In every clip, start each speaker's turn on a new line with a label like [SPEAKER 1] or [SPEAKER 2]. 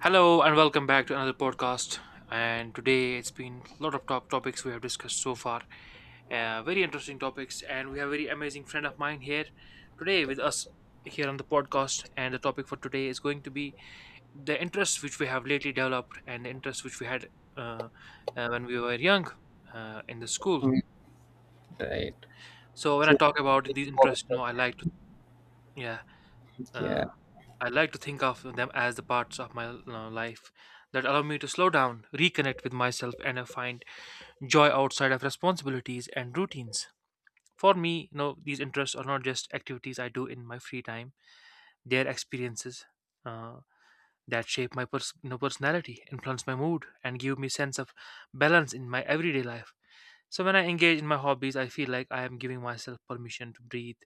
[SPEAKER 1] Hello and welcome back to another podcast. And today it's been a lot of topics we have discussed so far. Very interesting topics, and we have a very amazing friend of mine here today with us here on the podcast. And the topic for today is going to be the interests which we have lately developed and the interests which we had uh, when we were young, in the school.
[SPEAKER 2] Mm. Right.
[SPEAKER 1] So when
[SPEAKER 2] So
[SPEAKER 1] I talk about
[SPEAKER 2] it's
[SPEAKER 1] these
[SPEAKER 2] like,
[SPEAKER 1] interests, you
[SPEAKER 2] right?
[SPEAKER 1] know, I like to yeah
[SPEAKER 2] Yeah.
[SPEAKER 1] uh, I like to think of them as the parts of my life that allow me to slow down, reconnect with myself, and find joy outside of responsibilities and routines. For me, you know, these interests are not just activities I do in my free time; they are experiences uh, that shape my you know, personality, influence my mood, and give me sense of balance in my everyday life. So when I engage in my hobbies, I feel like I am giving myself permission to breathe,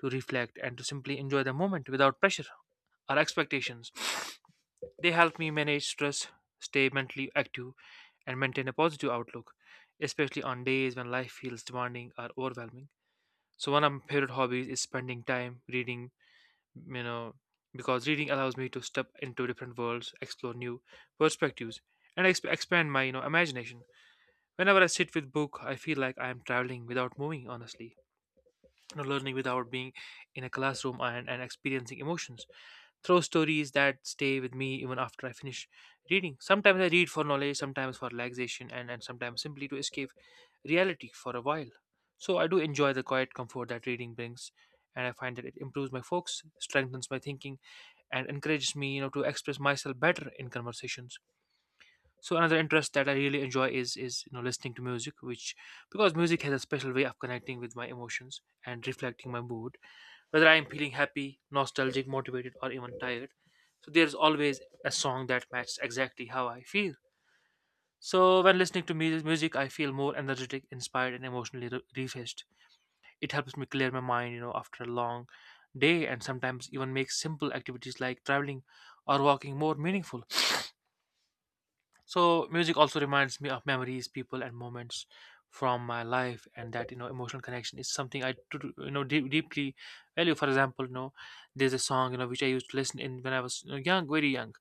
[SPEAKER 1] to reflect, and to simply enjoy the moment without pressure or expectations. They help me manage stress, stay mentally active, and maintain a positive outlook, especially on days when life feels demanding or overwhelming. So one of my favorite hobbies is spending time reading, you know, because reading allows me to step into different worlds, explore new perspectives, and expand my, you know, imagination. Whenever I sit with book, I feel like I am traveling without moving, honestly, you know, learning without being in a classroom and experiencing emotions throw stories that stay with me even after I finish reading. Sometimes I read for knowledge, sometimes for relaxation, and, sometimes simply to escape reality for a while. So I do enjoy the quiet comfort that reading brings, and I find that it improves my focus, strengthens my thinking, and encourages me, you know, to express myself better in conversations. So another interest that I really enjoy is you know, listening to music, which because music has a special way of connecting with my emotions and reflecting my mood, whether I am feeling happy, nostalgic, motivated, or even tired. So there's always a song that matches exactly how I feel. So when listening to music, I feel more energetic, inspired, and emotionally refreshed. It helps me clear my mind, you know, after a long day, and sometimes even makes simple activities like traveling or walking more meaningful. So music also reminds me of memories, people, and moments from my life, and that, you know, emotional connection is something I do, you know, deeply value. For example, you know, there's a song, you know, which I used to listen in when I was, you know, young, very young.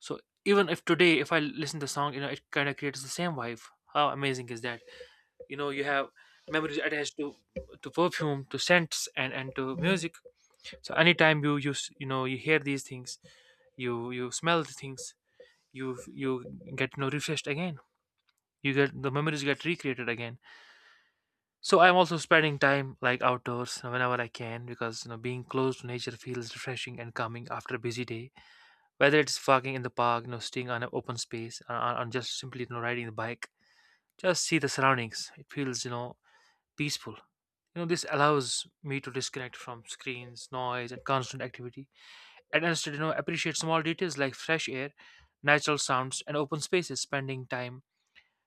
[SPEAKER 1] So even if today, if I listen to the song, you know, it kind of creates the same vibe. How amazing is that? You know, you have memories attached to perfume, to scents, and to music. So anytime you use you know, you hear these things, you smell the things, you get, you know, refreshed again. You get the memories get recreated again. So I'm also spending time like outdoors whenever I can, because, you know, being close to nature feels refreshing and calming after a busy day, whether it's walking in the park, you know, staying on an open space, or just simply, you know, riding the bike, just see the surroundings. It feels, you know, peaceful. You know, this allows me to disconnect from screens, noise, and constant activity, and instead, you know, appreciate small details like fresh air, natural sounds, and open spaces. Spending time,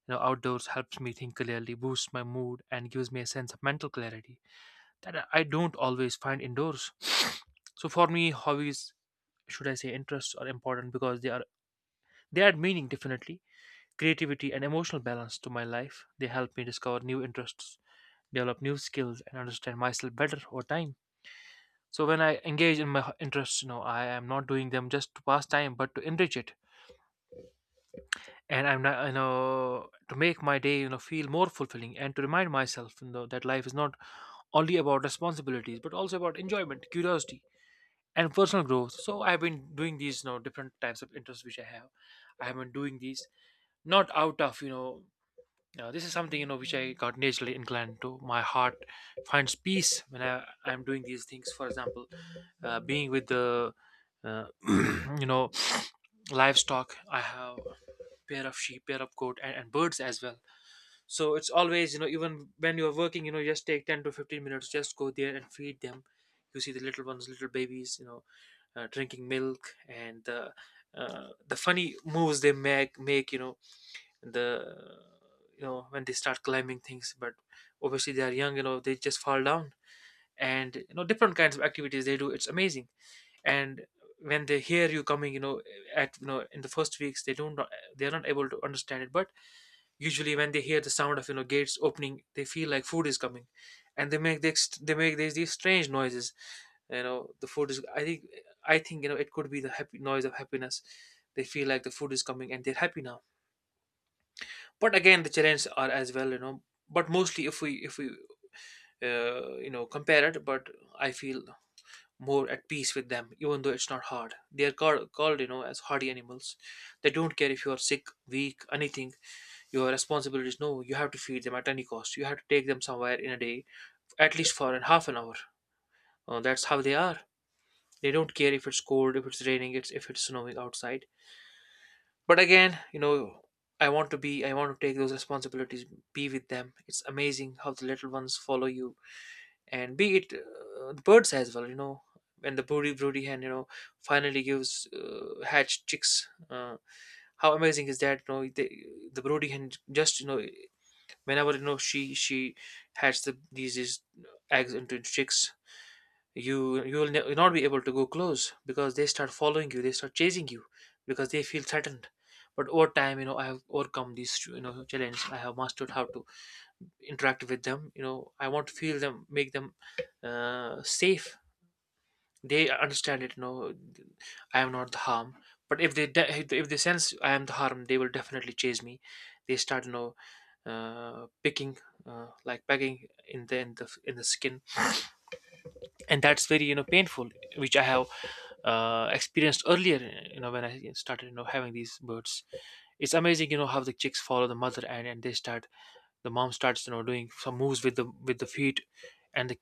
[SPEAKER 1] you know, outdoors helps me think clearly, boosts my mood, and gives me a sense of mental clarity that I don't always find indoors. So for me, hobbies, should I say, interests are important because they add meaning, definitely, creativity, and emotional balance to my life. They help me discover new interests, develop new skills, and understand myself better over time. So when I engage in my interests, you know, I am not doing them just to pass time, but to enrich it, and I'm not, to make my day, you know, feel more fulfilling, and to remind myself, you know, that life is not only about responsibilities, but also about enjoyment, curiosity, and personal growth. So I've been doing these, you know, different types of interests which I have. I have been doing these not out of, you know, now, this is something, you know, which I got naturally inclined to. My heart finds peace when I'm doing these things. For example, being with the uh, you know, livestock. I have pair of sheep, pair of goat, and birds as well. So it's always, you know, even when you're working, you know, just take 10 to 15 minutes. Just go there and feed them. You see the little ones, little babies, you know, drinking milk, and the funny moves they make you know, the you know, when they start climbing things, but obviously they are young, you know, they just fall down. And you know, different kinds of activities they do, it's amazing. And when they hear you coming, you know, at you know, in the first weeks, they don't, they're not able to understand it, but usually when they hear the sound of, you know, gates opening, they feel like food is coming, and they make this, they make these, strange noises. You know, the food is, I think, you know, it could be the happy noise of happiness. They feel like the food is coming and they're happy now. But again, the challenges are as well, you know, but mostly if we, you know, compare it. But I feel more at peace with them, even though it's not hard. They are called, you know, as hardy animals. They don't care if you are sick, weak, anything. Your responsibility is no, you have to feed them at any cost. You have to take them somewhere in a day, at least for an half an hour. That's how they are. They don't care if it's cold, if it's raining, it's if it's snowing outside. But again, you know, I want to be, I want to take those responsibilities, be with them. It's amazing how the little ones follow you. And be it, the birds as well. You know, when the broody hen, you know, finally gives hatched chicks. How amazing is that? You know, the broody hen just, you know, whenever, you know, she hatches these, eggs into chicks, you will not be able to go close because they start following you, they start chasing you, because they feel threatened. But over time, you know, I have overcome these, you know, challenges. I have mastered how to interact with them. You know, I want to feel them, make them, safe. They understand it, you know, I am not the harm. But if if they sense I am the harm, they will definitely chase me. They start, you know, picking, like pecking in the in the skin, and that's very, you know, painful, which I have experienced earlier, you know, when I started, you know, having these birds. It's amazing, you know, how the chicks follow the mother, and they start, the mom starts, you know, doing some moves with the, feet, and the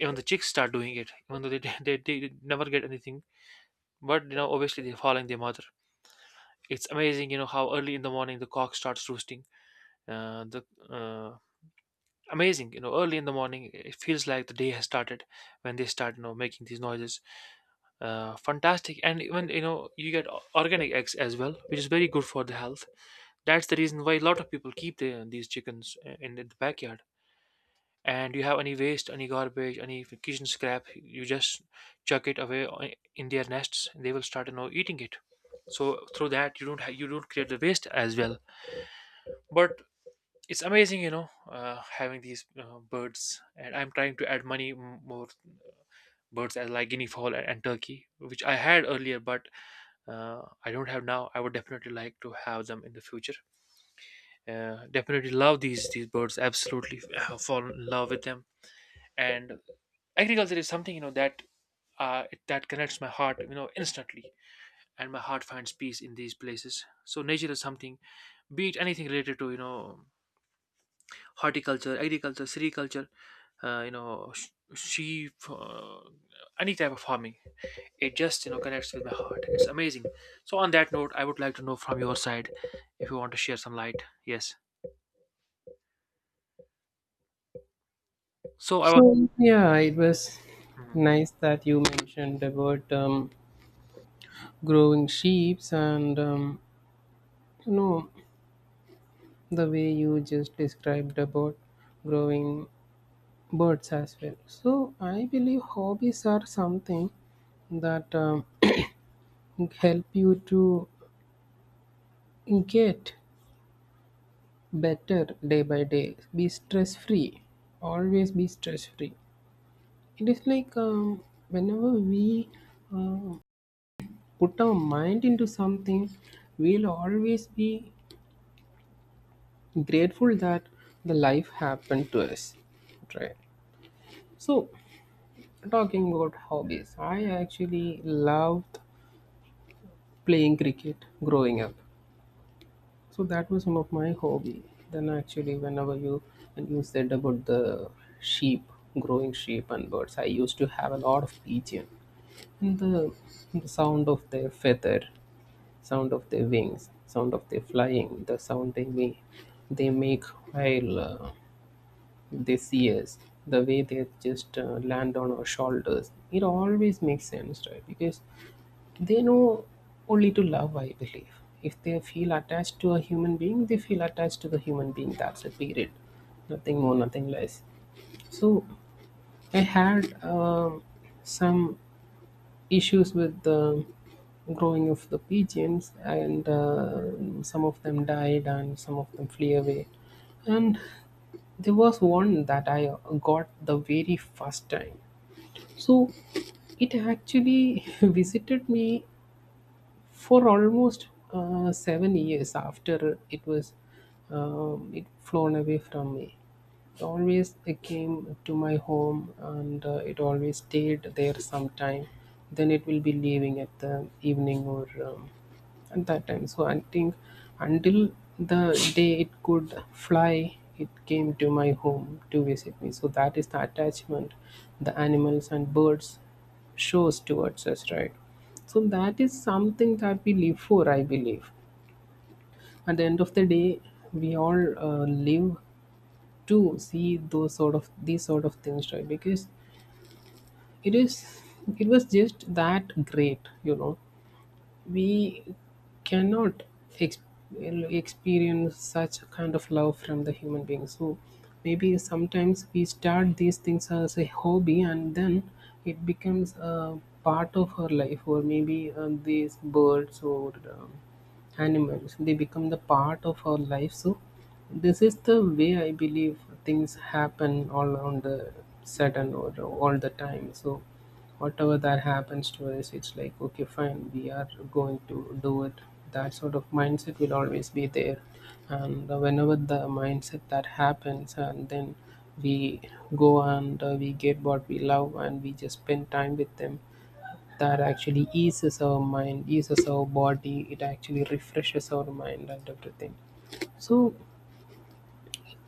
[SPEAKER 1] even the chicks start doing it, even though they they never get anything. But you know, obviously they're following their mother. It's amazing, you know, how early in the morning the cock starts roosting, the uh, amazing, you know, early in the morning, it feels like the day has started when they start, you know, making these noises. Fantastic. And even, you know, you get organic eggs as well, which is very good for the health. That's the reason why a lot of people keep these chickens in the backyard. And you have any waste, any garbage, any kitchen scrap, you just chuck it away, in their nests, and they will start, you know, eating it. So through that, you don't you don't create the waste as well. But it's amazing, you know, having these, birds, and I'm trying to add more birds as like guinea fowl, and turkey, which I had earlier, but I don't have now. I would definitely like to have them in the future. Definitely love these birds. Absolutely fall in love with them. And agriculture is something, you know, that, that connects my heart, you know, instantly, and my heart finds peace in these places. So nature is something, be it anything related to, you know, horticulture, agriculture, sericulture, you know, sheep, any type of farming, it just, you know, connects with my heart. It's amazing. So on that note, I would like to know from your side if you want to share some light. Yes, so I was.
[SPEAKER 2] So yeah, it was
[SPEAKER 1] Mhm.
[SPEAKER 2] nice that you mentioned about growing sheeps, and you know, the way you just described about growing birds as well. So I believe hobbies are something that help you to get better day by day. Be stress free. Always be stress free. It is like whenever we uh, put our mind into something, we'll always be grateful that the life happened to us, right? So, talking about hobbies, I actually loved playing cricket growing up. So that was one of my hobby. Then actually, whenever you and you said about the sheep, growing sheep and birds, I used to have a lot of pigeon, and the sound of their feather, sound of their wings, sound of their flying, the sound they make, they make while they see us, the way they just land on our shoulders. It always makes sense, right? Because they know only to love, I believe. If they feel attached to a human being, they feel attached to the human being. That's a period. Nothing more, nothing less. So I had some issues with the growing of the pigeons, and some of them died and some of them flew away, and there was one that I got the very first time. So it actually visited me for almost 7 years after it was it flown away from me. It always came to my home, and it always stayed there sometime. Then it will be leaving at the evening, or at that time. So I think until the day it could fly, it came to my home to visit me. So that is the attachment the animals and birds shows towards us, right? So that is something that we live for, I believe. At the end of the day, we all live to see those sort of, these sort of things, right? Because it is it was just that great, you know, we cannot ex- experience such a kind of love from the human beings. So maybe sometimes we start these things as a hobby, and then it becomes a part of our life, or maybe these birds or animals, they become the part of our life. So this is the way I believe things happen all around the sudden or all the time. So whatever that happens to us, it's like, okay, fine, we are going to do it. That sort of mindset will always be there. And whenever the mindset that happens, and then we go and we get what we love, and we just spend time with them, that actually eases our mind, eases our body, it actually refreshes our mind and everything. So,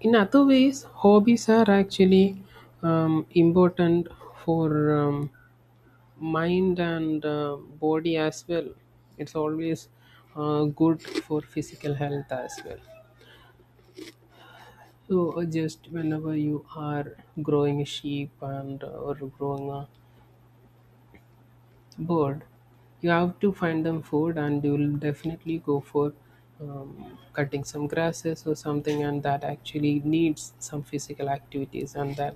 [SPEAKER 2] in other ways, hobbies are actually important for mind and body as well. It's always good for physical health as well. So just whenever you are growing a sheep and or growing a bird, you have to find them food, and you'll definitely go for cutting some grasses or something, and that actually needs some physical activities, and that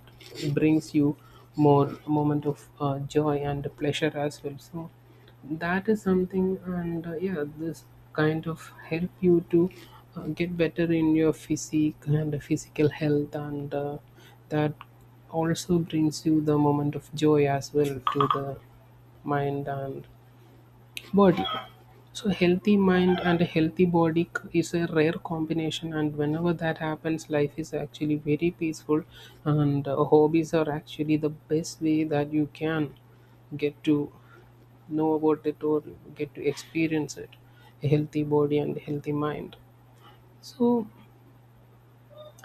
[SPEAKER 2] brings you more moment of joy and pleasure as well. So that is something, and yeah, this kind of help you to get better in your physique and physical health, and that also brings you the moment of joy as well, to the mind and body. So healthy mind and a healthy body is a rare combination, and whenever that happens, life is actually very peaceful. And hobbies are actually the best way that you can get to know about it or get to experience it, a healthy body and a healthy mind. So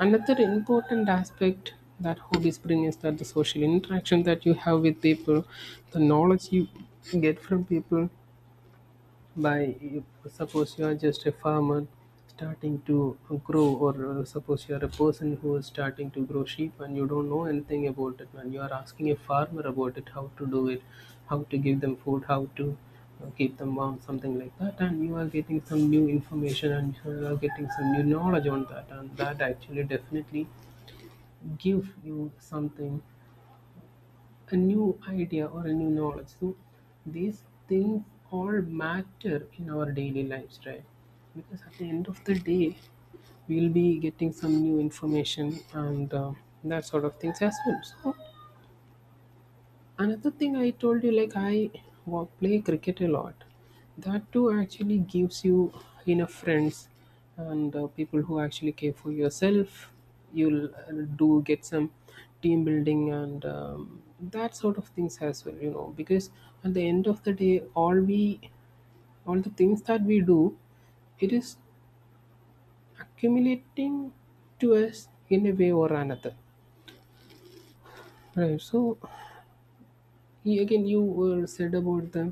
[SPEAKER 2] another important aspect that hobbies bring is that the social interaction that you have with people, the knowledge you get from people by, if, suppose you are just a farmer starting to grow, or suppose you are a person who is starting to grow sheep and you don't know anything about it, and you are asking a farmer about it, how to do it, how to give them food, how to keep them warm, something like that, and you are getting some new information and you are getting some new knowledge on that, and that actually definitely give you something, a new idea or a new knowledge. So these things all matter in our daily lives, right? Because at the end of the day, we'll be getting some new information and that sort of things as well. So another thing I told you, like I play cricket a lot. That too actually gives you enough friends and people who actually care for yourself. You'll do get some team building and that sort of things as well, you know. Because at the end of the day, all the things that we do, it is accumulating to us in a way or another. Right. So again, you said about them,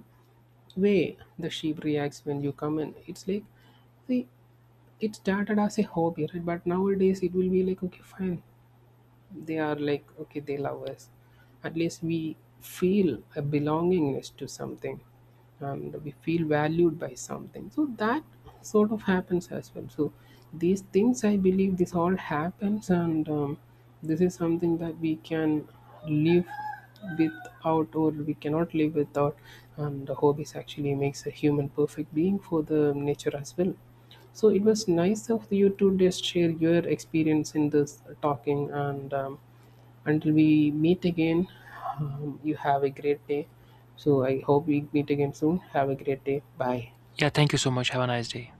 [SPEAKER 2] way the sheep reacts when you come in. It's like, see, it started as a hobby, right? But nowadays it will be like, okay, fine, they are like, okay, they love us, at least we feel a belongingness to something, and we feel valued by something, so that sort of happens as well. So these things, I believe, this all happens, and this is something that we can live without or we cannot live without, and the hobbies actually makes a human perfect being for the nature as well. So it was nice of you to just share your experience in this talking. And until we meet again, you have a great day. So I hope we meet again soon. Have a great day. Bye.
[SPEAKER 1] Yeah, thank you so much, have a nice day.